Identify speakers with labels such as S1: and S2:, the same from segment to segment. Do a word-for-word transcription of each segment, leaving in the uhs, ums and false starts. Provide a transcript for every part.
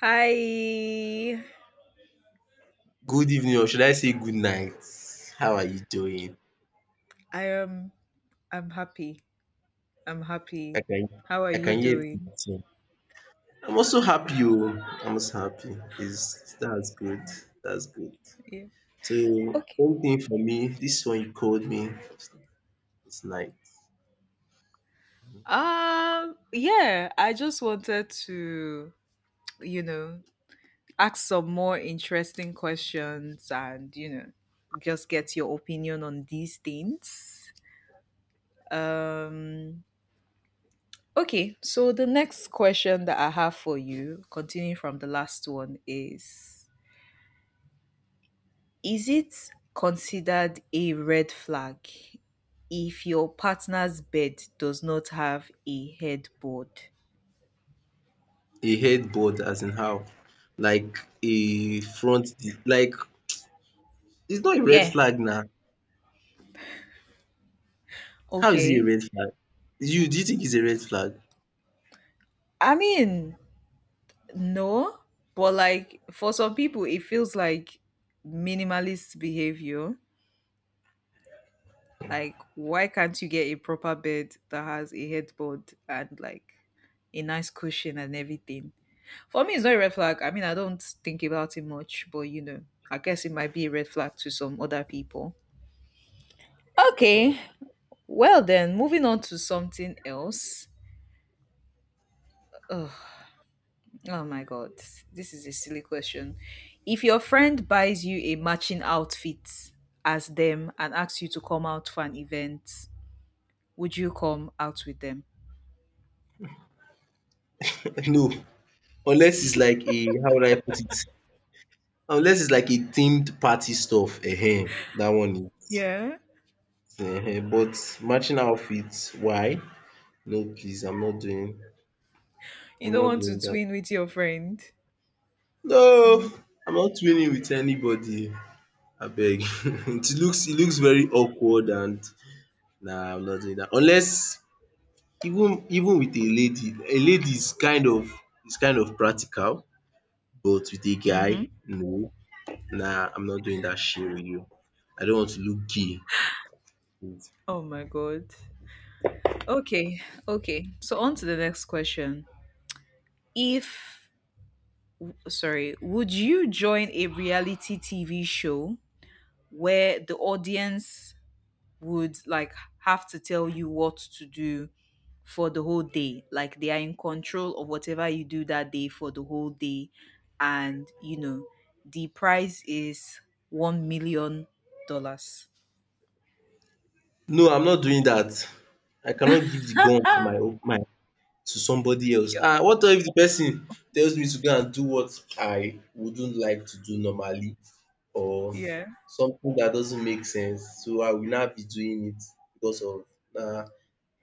S1: Hi.
S2: Good evening or should I say good night. How are you doing?
S1: I am I'm happy. I'm
S2: I
S1: happy.
S2: can
S1: How are
S2: I
S1: you
S2: can hear it in
S1: doing?
S2: your tone. I'm also happy oh. I'm also happy. Is that's good. That's good.
S1: Yeah.
S2: So
S1: Okay.
S2: one thing for me, this one you called me is night.
S1: Um yeah, I just wanted to, you know, ask some more interesting questions and, you know, just get your opinion on these things. Um okay, so the next question that I have for you, continuing from the last one is Is it considered a red flag if your partner's bed does not have a headboard?
S2: A headboard as in how? Like a front di like it's not a red
S1: Yeah,
S2: flag now. How is it a
S1: okay.
S2: red flag? You do you think it's a red flag?
S1: I mean, no, but like for some people, it feels like minimalist behavior. Like, why can't you get a proper bed that has a headboard and like a nice cushion and everything? For me, it's not a red flag. I mean, I don't think about it much, but you know, I guess it might be a red flag to some other people. Okay. Well then, moving on to something else. Ugh, oh my god, this is a silly question. If your friend buys you a matching outfit as them and asks you to come out for an event, would you come out with them?
S2: No. Unless it's like a how would I put it? Unless it's like a themed party stuff, ehen, that one is
S1: Yeah.
S2: ehen. But matching outfits, why? No, please, I'm not doing
S1: You
S2: I'm
S1: don't
S2: not
S1: want to
S2: doing that.
S1: twin with your friend.
S2: No,
S1: Mm.
S2: I'm not winning with anybody. I beg. it looks it looks very awkward, and nah, I'm not doing that. Unless even even with a lady, a lady is kind of is kind of practical, but with a guy,
S1: Mm-hmm.
S2: no. Nah, I'm not doing that shit with you. I don't want to look gay.
S1: Oh my god. Okay. Okay. So on to the next question. If sorry, would you join a reality T V show where the audience would like have to tell you what to do for the whole day. Like they are in control of whatever you do that day for the whole day. And you know, the prize is one million dollars.
S2: No, I'm not doing that. I cannot give the gun to my own my to somebody else.
S1: Yeah.
S2: Ah, what if the person tells me to go and do what I wouldn't like to do normally, or
S1: Yeah.
S2: something that doesn't make sense. So I will not be doing it, because of na,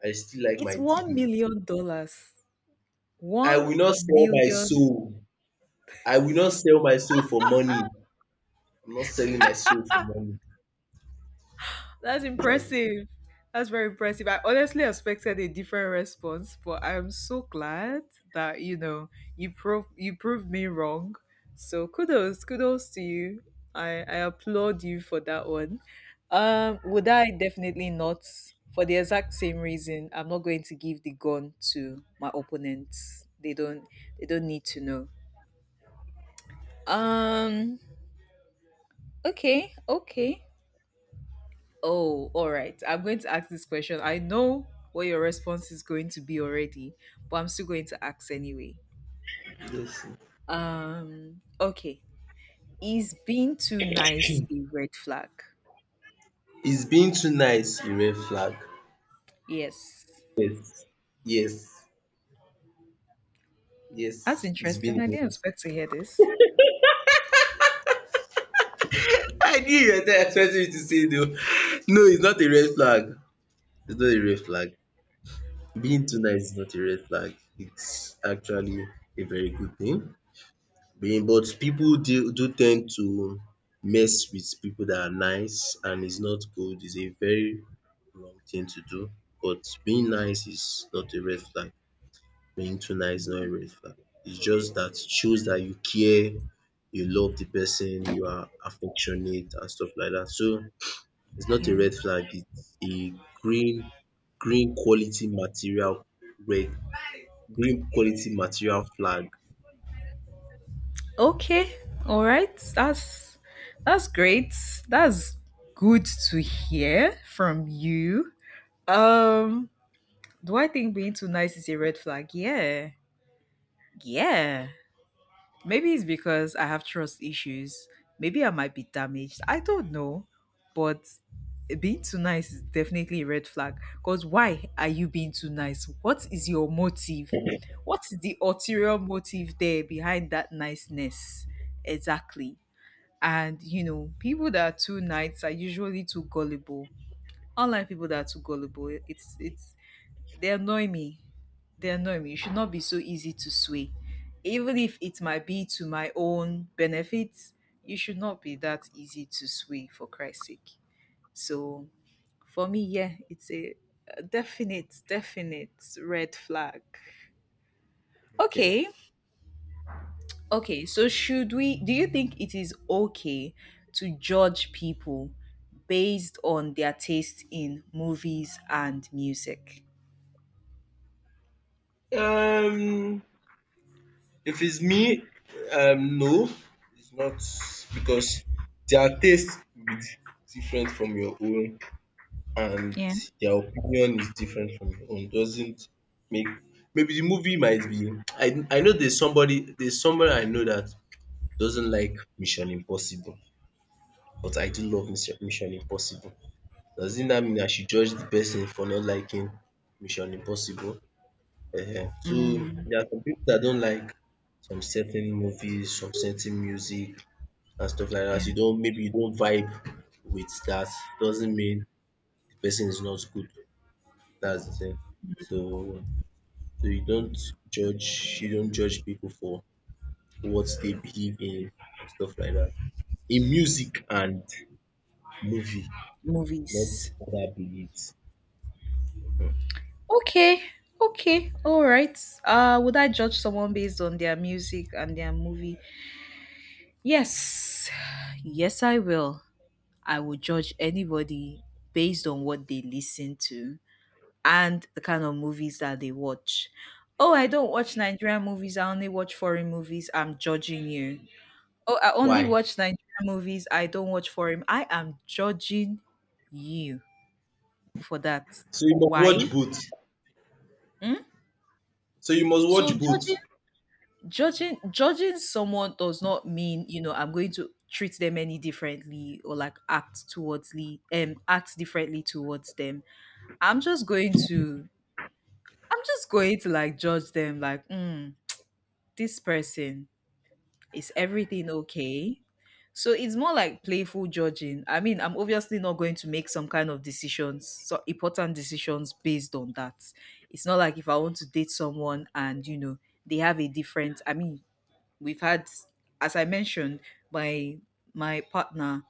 S2: I still like my
S1: It's one
S2: dignity.
S1: million dollars.
S2: I
S1: One
S2: will not sell my
S1: million
S2: soul. I will not sell my soul for money. I'm not selling my soul for money.
S1: That's impressive. That's very impressive. I honestly expected a different response, but I'm so glad that you know you prove you proved me wrong. So kudos, kudos to you. I I applaud you for that one. Um, would I definitely not for the exact same reason? I'm not going to give the gun to my opponents. They don't they don't need to know. Um. Okay. Okay. Oh, all right. I'm going to ask this question. I know what your response is going to be already, but I'm still going to ask anyway.
S2: Yes.
S1: Um, okay. Is being too nice a red flag?
S2: Is being too nice a red flag?
S1: Yes.
S2: Yes.
S1: That's
S2: Yes, it's been
S1: interesting.
S2: a
S1: I didn't
S2: while.
S1: expect to hear this.
S2: I knew you were expecting me to say no. No, it's not a red flag. It's not a red flag. Being too nice is not a red flag. It's actually a very good thing. Being, but people do, do tend to mess with people that are nice, and it's not good. It's a very wrong thing to do. But being nice is not a red flag. Being too nice is not
S1: Hmm.
S2: a red flag. It's just that shows that you care, you love the person, you are affectionate and stuff like that. So it's not a
S1: Yeah.
S2: red flag, it's a green green quality material red green quality material flag.
S1: Okay. All right. That's that's great. That's good to hear from you. Um, do I think being too nice is a red flag? Yeah. Yeah. Maybe it's because I have trust issues. Maybe I might be damaged. I don't know. But being too nice is definitely a red flag. Because why are you being too nice? What is your motive? What's the ulterior motive there behind that niceness? Exactly. And you know, people that are too nice are usually too gullible. Unlike people that are too gullible, it's it's they annoy me. They annoy me. You should not be so easy to sway. Even if it might be to my own benefit, you should not be that easy to sway for Christ's sake. So for me, yeah, it's a a definite, definite red flag.
S2: Yeah.
S1: Okay. Okay. So should we do you think it is okay to judge people based on their taste in movies and music?
S2: Um if it's me, um no, it's not, because their taste will be different from your own. And
S1: Yeah.
S2: their opinion is different from your own doesn't make, maybe the movie might be, I I know there's somebody there's somebody I know that doesn't like Mission Impossible, but I do love Mission Mission Impossible. Doesn't that mean I should judge the person for not liking Mission Impossible? Ehen. So there are some people that don't like some certain movies, some certain music and stuff like that. You
S1: Yeah.
S2: don't Maybe you don't vibe with that. Doesn't mean the person is not good. That's the thing. So so you don't judge you don't judge people for what they believe in and stuff like that. In music and movie, not
S1: Movies.
S2: other beliefs.
S1: Okay, okay, all right. Uh, would I judge someone based on their music and their movie? Yes, yes, I will. I will judge anybody based on what they listen to and the kind of movies that they watch. Oh, I don't watch Nigerian movies. I only watch foreign movies. I'm judging you. Oh, I only
S2: Why?
S1: watch Nigerian movies. I don't watch foreign. I am judging you for that.
S2: So you must watch
S1: Why?
S2: both.
S1: Hmm?
S2: So you must
S1: So
S2: watch both.
S1: judging judging judging someone does not mean you know I'm going to treat them any differently or like act towardsly um act differently towards them. i'm just going to I'm just going to like judge them like mm, this person is everything okay. So it's more like playful judging. I mean, I'm obviously not going to make some kind of decisions so important decisions based on that. It's not like if I want to date someone and you know they have a different i mean we've had, as I mentioned, my my partner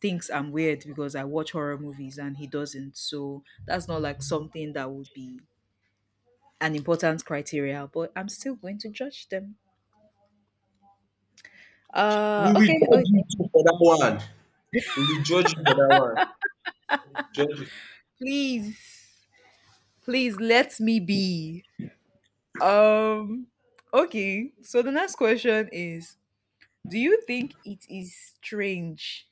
S1: thinks I'm weird because I watch horror movies and he doesn't, so that's not like something that would be an important criteria, but I'm still going to judge them. uh
S2: We will
S1: okay,
S2: judge you
S1: okay.
S2: too for that one. We will judge you for that one. Judge. you.
S1: Please, please let me be. um okay, so the next question is do you think it is strange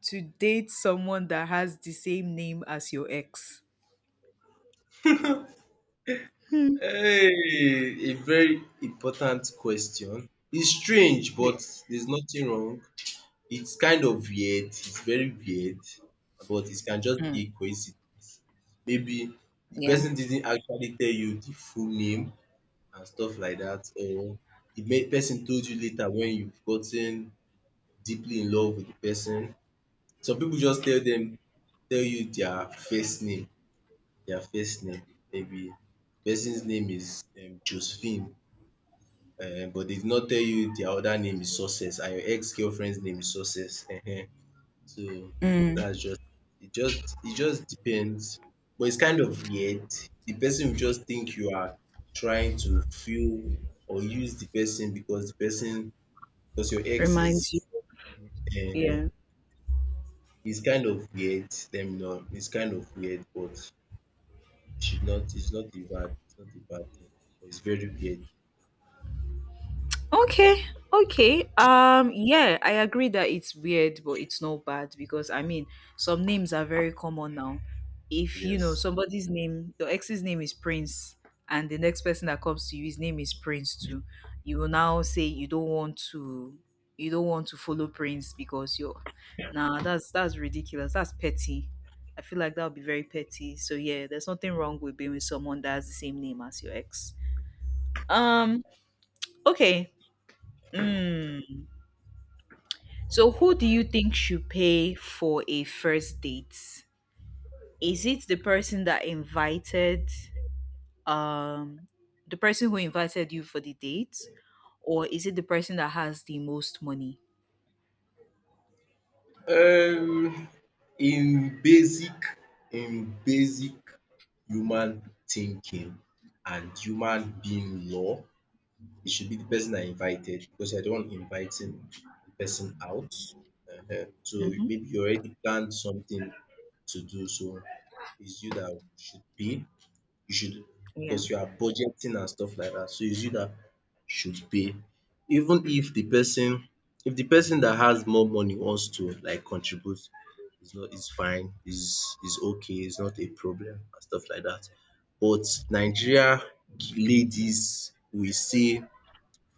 S1: to date someone that has the same name as your ex? Hmm.
S2: Hey, a very important question. It's strange,
S1: Yeah.
S2: but there's nothing wrong. It's kind of weird, it's very weird, but it can just be
S1: Mm,
S2: a coincidence. Maybe the
S1: yeah.
S2: person didn't actually tell you the full name and stuff like that, or the ma- person told you later when you've gotten deeply in love with the person. Some people just tell them tell you their first name, their first name. Maybe person's name is um, Josephine, um, but they did not tell you their other name is Success and your ex-girlfriend's name is Success. So
S1: Mm,
S2: that's just it just it just depends, but it's kind of weird. The person will just think you are trying to feel or use the person because the person because your ex
S1: reminds you.
S2: is uh
S1: Yeah.
S2: is kind of weird. Let me know. It's kind of weird, but you should not it's not a bad it's not a bad thing, but it's very weird.
S1: Okay. Okay. Um, yeah, I agree that it's weird, but it's not bad because I mean some names are very common now. If you know
S2: Yes.
S1: somebody's name, your ex's name is Prince, and the next person that comes to you, his name is Prince too. You will now say you don't want to you don't want to follow Prince because you're nah that's that's ridiculous. That's petty. I feel like that would be very petty. So yeah, there's nothing wrong with being with someone that has the same name as your ex. Um. Okay. Mm. So, who do you think should pay for a first date? Is it the person that invited, um, the person who invited you for the date, or is it the person that has the most money?
S2: um in basic in basic human thinking and human being law, it should be the person I invited because I don't want inviting the person out. Ehen. So
S1: Mhm.
S2: maybe you already planned something to do, so it's you that should pay, you should,
S1: Yeah.
S2: because you are budgeting and stuff like that. So it's you dat should pay. Even if the person, if the person that has more money wants to like contribute, it's not it's fine, it's it's okay, it's not a problem and stuff like that. But Nigeria ladies will say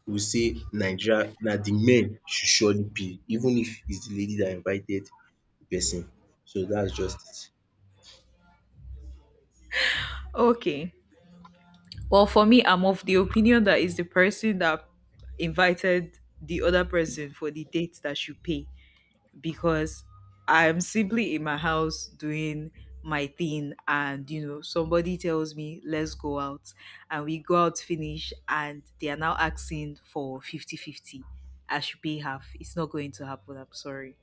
S2: will say Nigeria na the men should surely pay, even if it's the lady that invited the person. So that's just it.
S1: Okay. Well, for me, I'm of the opinion that it's the person that invited the other person for the date that should pay. Because I'm simply in my house doing my thing and you know somebody tells me let's go out and we go out finish and they are now asking for fifty fifty. I should pay half? It's not going to happen. I'm sorry,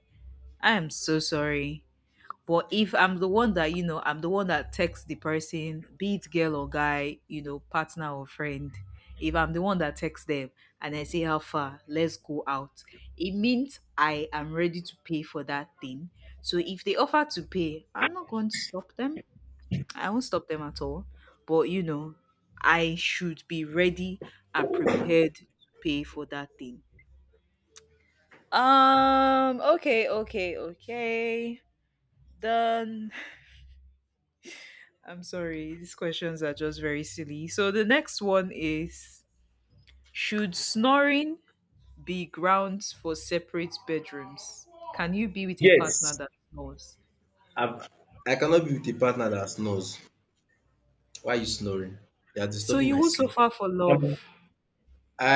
S1: I am so sorry, but if I'm the one that, you know, I'm the one that texts the person, be it girl or guy, you know, partner or friend, if I'm the one that texts them and I say, how far, let's go out, it means I am ready to pay for that thing. So if they offer to pay, I'm not going to stop them. I won't stop them at all. But, you know, I should be ready and prepared to pay for that thing. Um, okay, okay, okay. Done. I'm sorry, these questions are just very silly. So the next one is should snoring be grounds for separate bedrooms? Can you be with a partner
S2: Yes,
S1: that snores?
S2: I've I cannot be with a partner that snores. Why are you snoring? You are
S1: So
S2: disturbing
S1: you
S2: my
S1: will
S2: sleep.
S1: suffer for love.
S2: Um,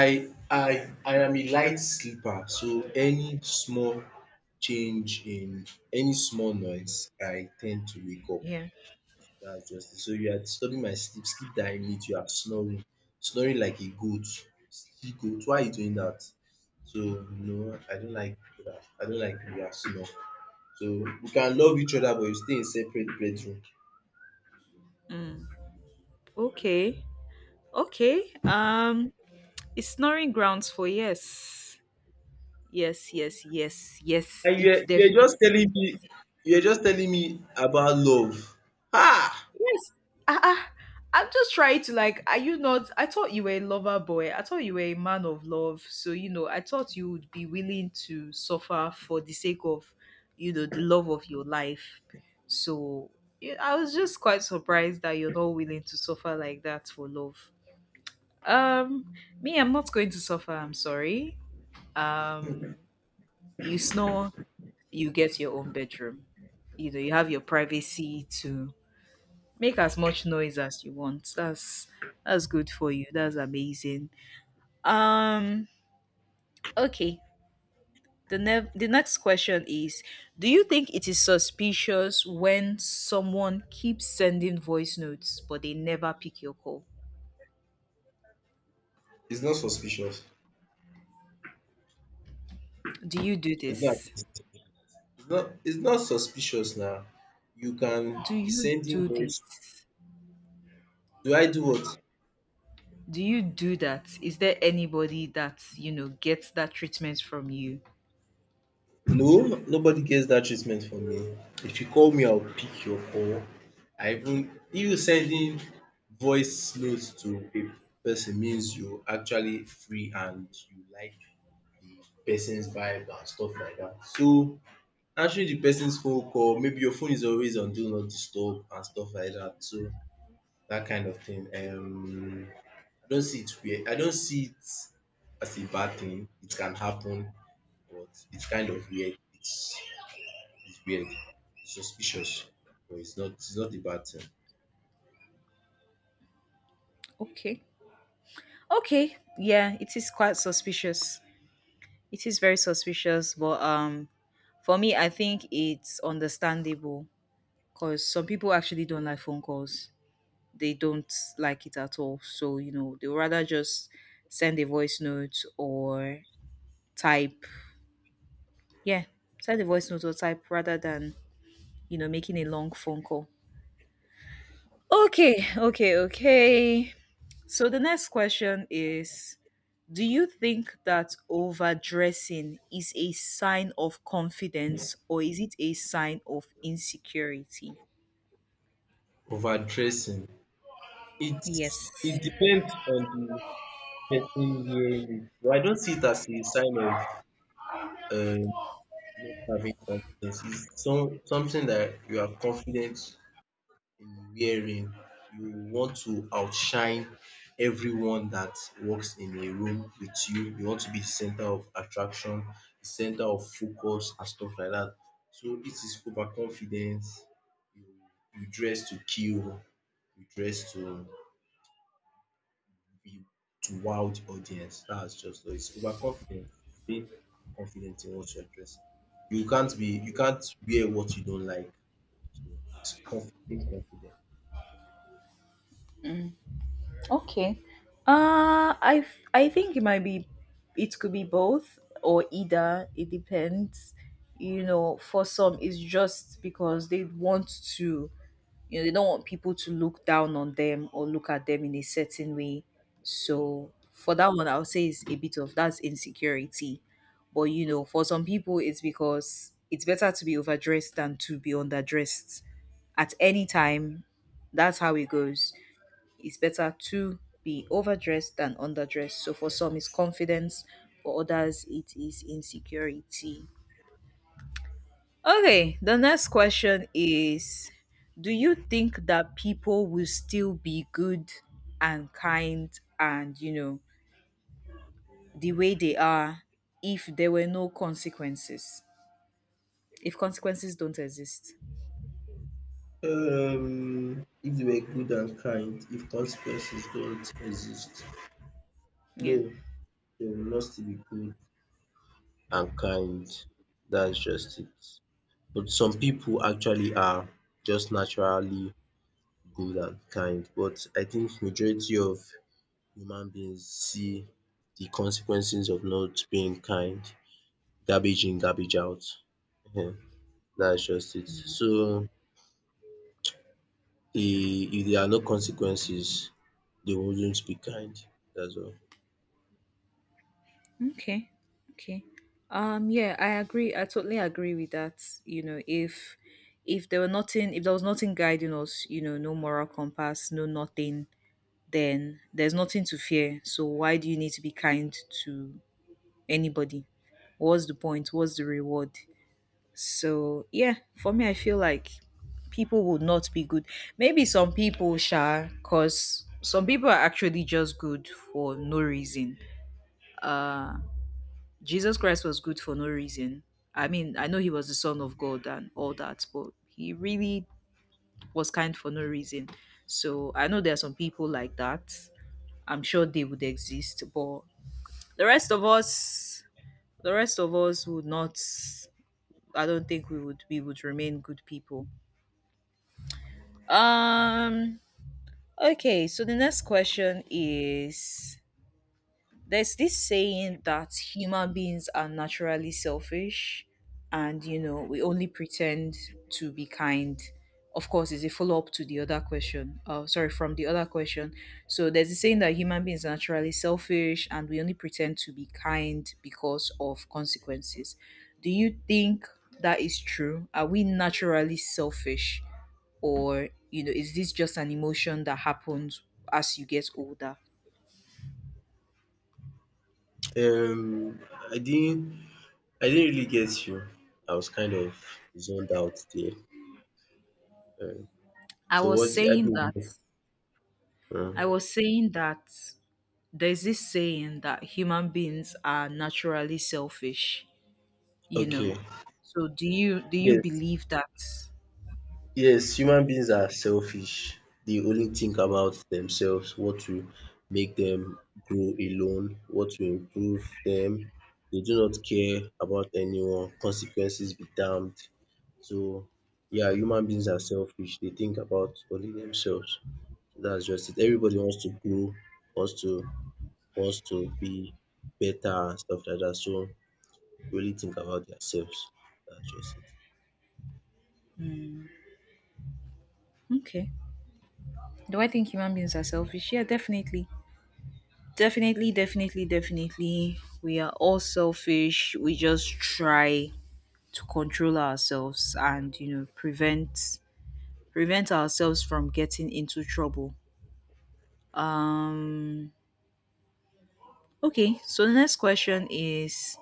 S2: I I I am a light sleeper, so any small change in any small noise, I tend to wake up.
S1: Yeah.
S2: That's just it. So you are disturbing my sleep, sleep that I need. You are snoring, snoring like a goat, sleep goat. Why are you doing that? So no, I don't like that. I don't like people that snore. So we can love each other, but you stay in separate bedroom.
S1: Okay. Okay. Um is snoring grounds for yes. Yes, yes, yes, yes.
S2: And you
S1: It's
S2: are you are
S1: definitely
S2: just telling
S1: is.
S2: me, you are just telling me about love. Ah!
S1: Yes. Ah, ah. I'm just trying to like, are you not? I thought you were a lover boy. I thought you were a man of love. So, you know, I thought you would be willing to suffer for the sake of, you know, the love of your life. So, yeah, I was just quite surprised that you're not willing to suffer like that for love. Um, me, I'm not going to suffer. I'm sorry. Um, you snore, you get your own bedroom. You know, you have your privacy to make as much noise as you want. That's that's good for you. That's amazing. Um okay. The ne- the next question is do you think it is suspicious when someone keeps sending voice notes but they never pick your call?
S2: It's not suspicious.
S1: Do you do
S2: It's not
S1: this?
S2: it's not it's not suspicious now. You can
S1: Do
S2: be
S1: you
S2: sending
S1: do
S2: voice.
S1: this?
S2: Do I do what?
S1: Do you do that? Is there anybody that, you know, gets that treatment from you?
S2: No, nobody gets that treatment from me. If you call me, I'll pick your call. I Even if you sending voice notes to a person means you actually free and you like the person's vibe and stuff like that. So answering the person's phone call, maybe your phone is always on do not disturb and stuff like that, so that kind of thing, um I don't see it weird, I don't see it as a bad thing, it can happen, but it's kind of weird, it's it's weird, it's suspicious, but it's not it's not a bad thing.
S1: Okay. Okay. Yeah, it is quite suspicious. It is very suspicious, but um, for me, I think it's understandable because some people actually don't like phone calls. They don't like it at all. So you know, they would rather just send a voice note or type. Yeah, send a voice note or type rather than you know making a long phone call. Okay, okay, okay. So the next question is do you think that overdressing is a sign of confidence or is it a sign of insecurity?
S2: Overdressing,
S1: Yes.
S2: it's it's something where, but I don't see it as a sign of um not having confidence. It's some something that you are confident wearing. You want to outshine everyone that works in a room with you you want to be the center of attraction, the center of focus and stuff like that. So this is overconfidence. you you dress to kill. You dress to be, to wow the audience. That's just all, it's overconfidence. Is being confident in what you're dressing. You can't be you can't wear what you don't like. So it's conf being confident.
S1: Okay. Uh I I think it might be it could be both or either. It depends. You know, for some it's just because they want to you know they don't want people to look down on them or look at them in a certain way, so for that one I would say it's a bit of that's insecurity. But you know, for some people, it's because it's better to be overdressed than to be underdressed at any time. That's how it goes. It's better to be overdressed than underdressed. So for some it's confidence, for others it is insecurity. Okay, the next question is do you think that people will still be good and kind and, you know, the way they are if there were no consequences? If consequences don't exist?
S2: Um, if they were good and kind, if consequences don't exist, no,
S1: Yeah.
S2: they will not still be good and kind. That's just it. But some people actually are just naturally good and kind. But I think majority of human beings see the consequences of not being kind, garbage in, garbage out. Ehen, that's just it. So the if there are no consequences, they wouldn't be kind. That's all.
S1: Okay. Okay. Um yeah, I agree. I totally agree with that. You know, if if there were nothing if there was nothing guiding us, you know, no moral compass, no nothing, then there's nothing to fear. So why do you need to be kind to anybody? What's the point? What's the reward? So yeah, for me, I feel like people would not be good. Maybe some people shall, cause some people are actually just good for no reason. Uh, Jesus Christ was good for no reason. I mean, I know he was the son of God and all that, but he really was kind for no reason. So I know there are some people like that. I'm sure they would exist, but the rest of us, the rest of us would not. I don't think we would we would remain good people. Um okay, so the next question is, there's this saying that human beings are naturally selfish and, you know, we only pretend to be kind. Of course, is a follow-up to the other question, uh, sorry, from the other question. So there's a saying that human beings are naturally selfish and we only pretend to be kind because of consequences. Do you think that is true? Are we naturally selfish, or, you know, is this just an emotion that happens as you get older?
S2: Um, I didn't I didn't really get you. I was kind of zoned out there. Um,
S1: i
S2: so
S1: was
S2: what's I
S1: saying
S2: mean,
S1: that
S2: um,
S1: I was saying that there's this saying that human beings are naturally selfish, you know.
S2: okay.
S1: So do you do you
S2: Yes,
S1: believe that?
S2: yes, human beings are selfish. They only think about themselves, what to make them grow alone, what to improve them. They do not care about anyone. Consequences be damned. So yeah, human beings are selfish. They think about only themselves. So that's just it. Everybody wants to grow, wants to wants to be better and stuff like that. So really think about themselves. That's just
S1: Okay. Do I think human beings are selfish? Yeah, definitely. Definitely, definitely, definitely. We are all selfish. We just try to control ourselves and, you know, prevent prevent ourselves from getting into trouble. Um okay, so the next question is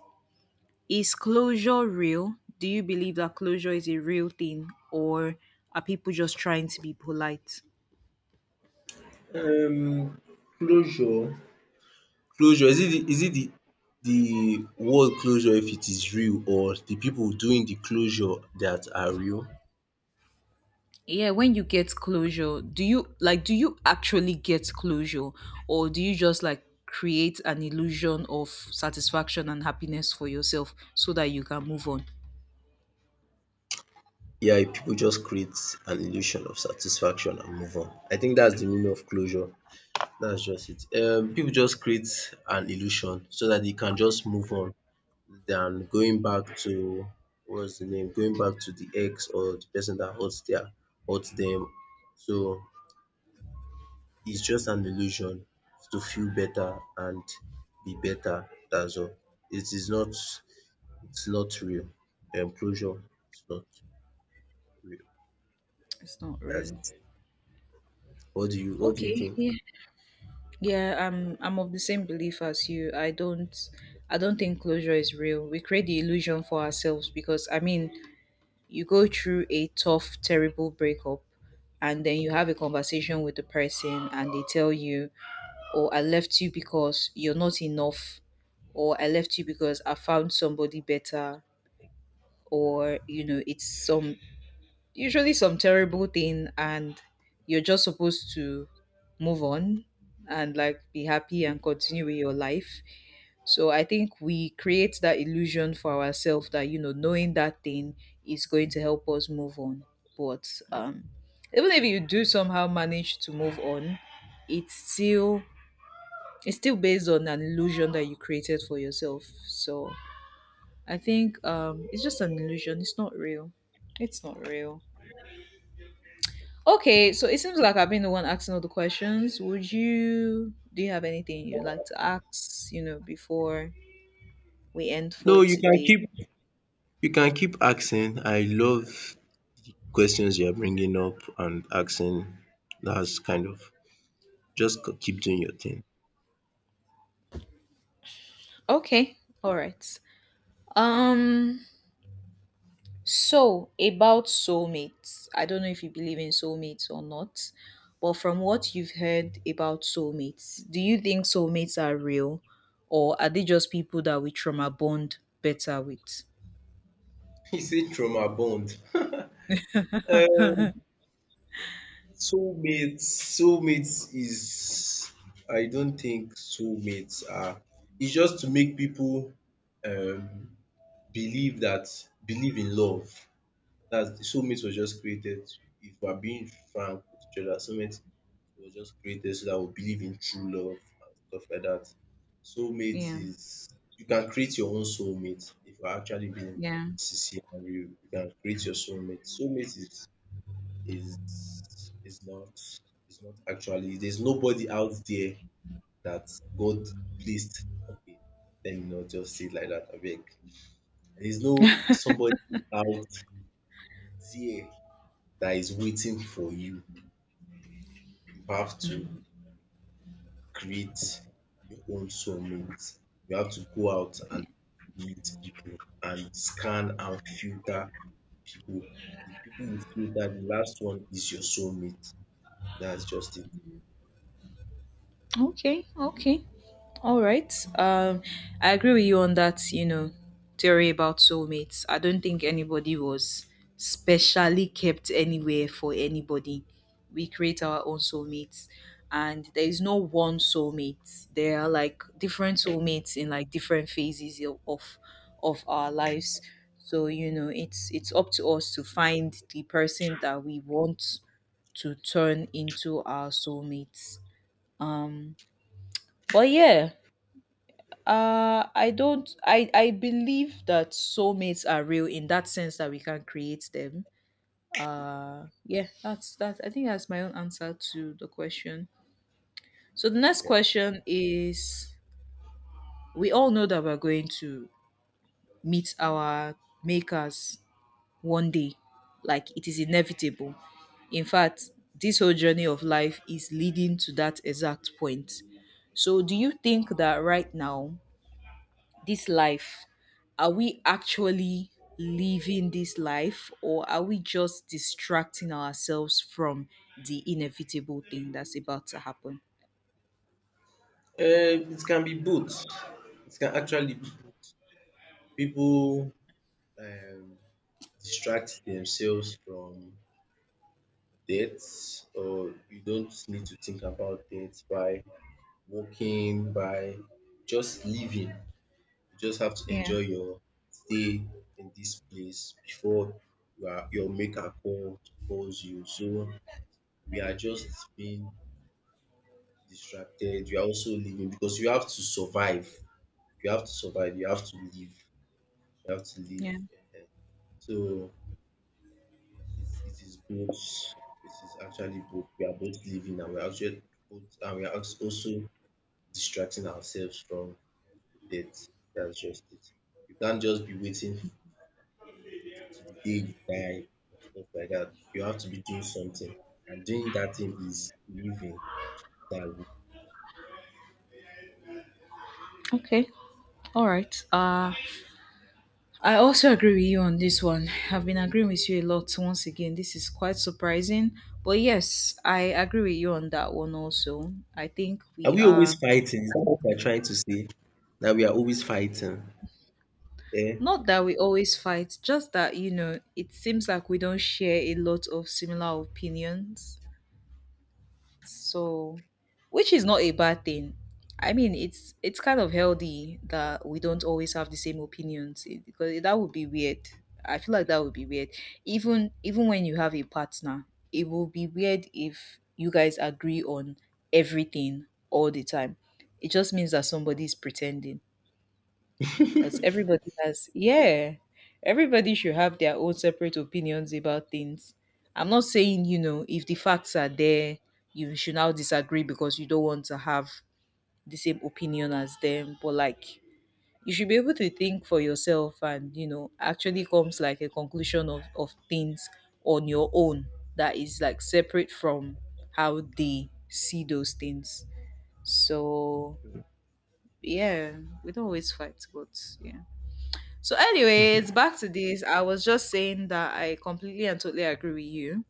S1: Is closure real? Do you believe that closure is a real thing, or are people just trying to be polite?
S2: it. Um, closure. Closure, is it the is it the the word closure if it is real, or the people doing the closure that are real?
S1: Yeah, when you get closure, do you like, do you actually get closure, or do you just like create an illusion of satisfaction and happiness for yourself so that you can move on?
S2: Yeah, if people just create an illusion of satisfaction and move on. I think that's the meaning of closure. That's just it. Um, people just create an illusion so that they can just move on than going back to what's the name going back to the ex or the person that hurt their hurt them. So it's just an illusion to feel better and be better, that's all. It is not it's not real. Um closure is not real.
S1: It's not
S2: That's
S1: real.
S2: it. What do you what do you
S1: Okay,
S2: think?
S1: yeah. Yeah, I'm I'm of the same belief as you. I don't I don't think closure is real. We create the illusion for ourselves, because I mean, you go through a tough, terrible breakup, and then you have a conversation with the person, and they tell you, "Oh, I left you because you're not enough," or, "I left you because I found somebody better," or, you know, it's some, usually some terrible thing, and you're just supposed to move on and like be happy and continue with your life. So I think we create that illusion for ourselves, that, you know, knowing that thing is going to help us move on. But um, even if you do somehow manage to move on, it's still it's still based on an illusion that you created for yourself. So I think, um, it's just an illusion. It's not real. It's not real. Okay, so it seems like I've been the one asking all the questions. Would you do you have anything you'd like to ask? You know, before we end for
S2: No, you can
S1: today.
S2: keep you can keep asking. I love questions you are bringing up and asking. That's kind of just c- keep doing your thing.
S1: Okay, all right. Um, so about soulmates, I don't know if you believe in soulmates or not, but from what you've heard about soulmates, do you think soulmates are real, or are they just people that we trauma bond better with?
S2: You say trauma bond. Um soulmate soulmate is, I don't think soulmates are, it's just to make people um believe that believe in love. That's Soulmate was just created, if we're being frank with each other, soulmate was just created so that we believe in true love and stuff like that. Soulmate
S1: Yeah,
S2: is You can create your own soulmate if you're actually being
S1: yeah,
S2: sincere and real. You can create your soulmate. Soulmate is is is not is not actually, there's nobody out there that God pleased. Okay, let me not just say it like that. I beg. There's no somebody out there that is waiting for you. You have to
S1: mm,
S2: create your own soulmate. You have to go out
S1: yeah.
S2: and meet people and scan and filter people. The people you filter, the last one is your soulmate. That's just it.
S1: Okay, okay. All right. Um, I agree with you on that, you know, theory about soulmates. I don't think anybody was specially kept anywhere for anybody. We create our own soulmates, and there is no one soulmate. There are like different soulmates in like different phases of of of our lives. So, you know, it's it's up to us to find the person that we want to turn into our soulmates. Um, but yeah, uh, I don't. I I believe that soulmates are real in that sense, that we can create them. Uh, yeah, that's that. I think that's my own answer to the question. So the next
S2: Yeah.
S1: question is: we all know that we're going to meet our makers one day, like it is inevitable. In fact, this whole journey of life is leading to that exact point. So, do you think that right now, this life, are we actually living this life, or are we just distracting ourselves from the inevitable thing that's about to happen?
S2: Um, it can be both. It can actually be both. People um, distract themselves from debt, or you don't need to think about debt by working, by just living. You just have to
S1: Yeah,
S2: enjoy your stay in this place before you are, your maker call, calls you. So we are just being distracted. You are also living because you have to survive. You have to survive. You have to live, you have to leave.
S1: yeah.
S2: Ehen. So it, it is both. It is actually both. We are both living and we are actually both, and we are als- also distracting ourselves from death. That's just it. You can't just be waiting to the day you die or stuff like that. You have to be doing something, and doing that thing is living. That's it.
S1: Okay, all right. uh I also agree with you on this one. I've been agreeing with you a lot. Once again, this is quite surprising, but yes, I agree with you on that one also. I think
S2: Are
S1: we
S2: we always
S1: are—
S2: fighting? Is that what we are trying to say? That we are always fighting. Eh?
S1: Not that we always fight, just that, you know, it seems like we don't share a lot of similar opinions. So, which is not a bad thing. I mean, it's it's kind of healthy that we don't always have the same opinions, it- because that would be weird. I feel like that would be weird. Even even when you have a partner, it will be weird if you guys agree on everything all the time. It just means that somebody is pretending. Because everybody has, yeah, everybody should have their own separate opinions about things. I'm not saying, you know, if the facts are there, you should now disagree because you don't want to have the same opinion as them. But like, you should be able to think for yourself and, you know, actually comes like a conclusion of, of things on your own, that is like separate from how they see those things. So, yeah, we don't always fight, but yeah. So, anyways, back to this. I was just saying that I completely and totally agree with you.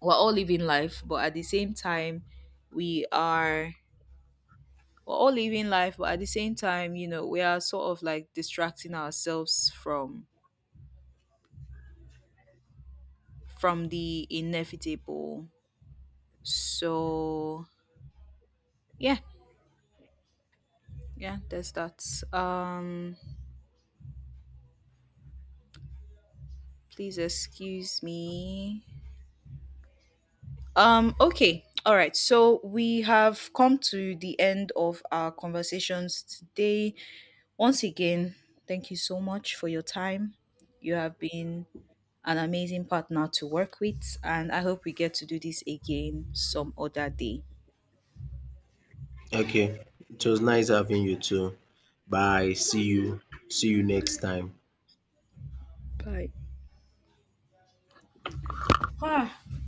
S1: We're all living life, but at the same time, we are we're all living life, but at the same time, you know, we are sort of like distracting ourselves from from the inevitable. So yeah, yeah, there's that. Um Please excuse me. Um, okay. All right. So we have come to the end of our conversations today. Once again, thank you so much for your time. You have been an amazing partner to work with, and I hope we get to do this again some other day.
S2: Okay. It was nice having you too. Bye. See you. See you next time.
S1: Bye.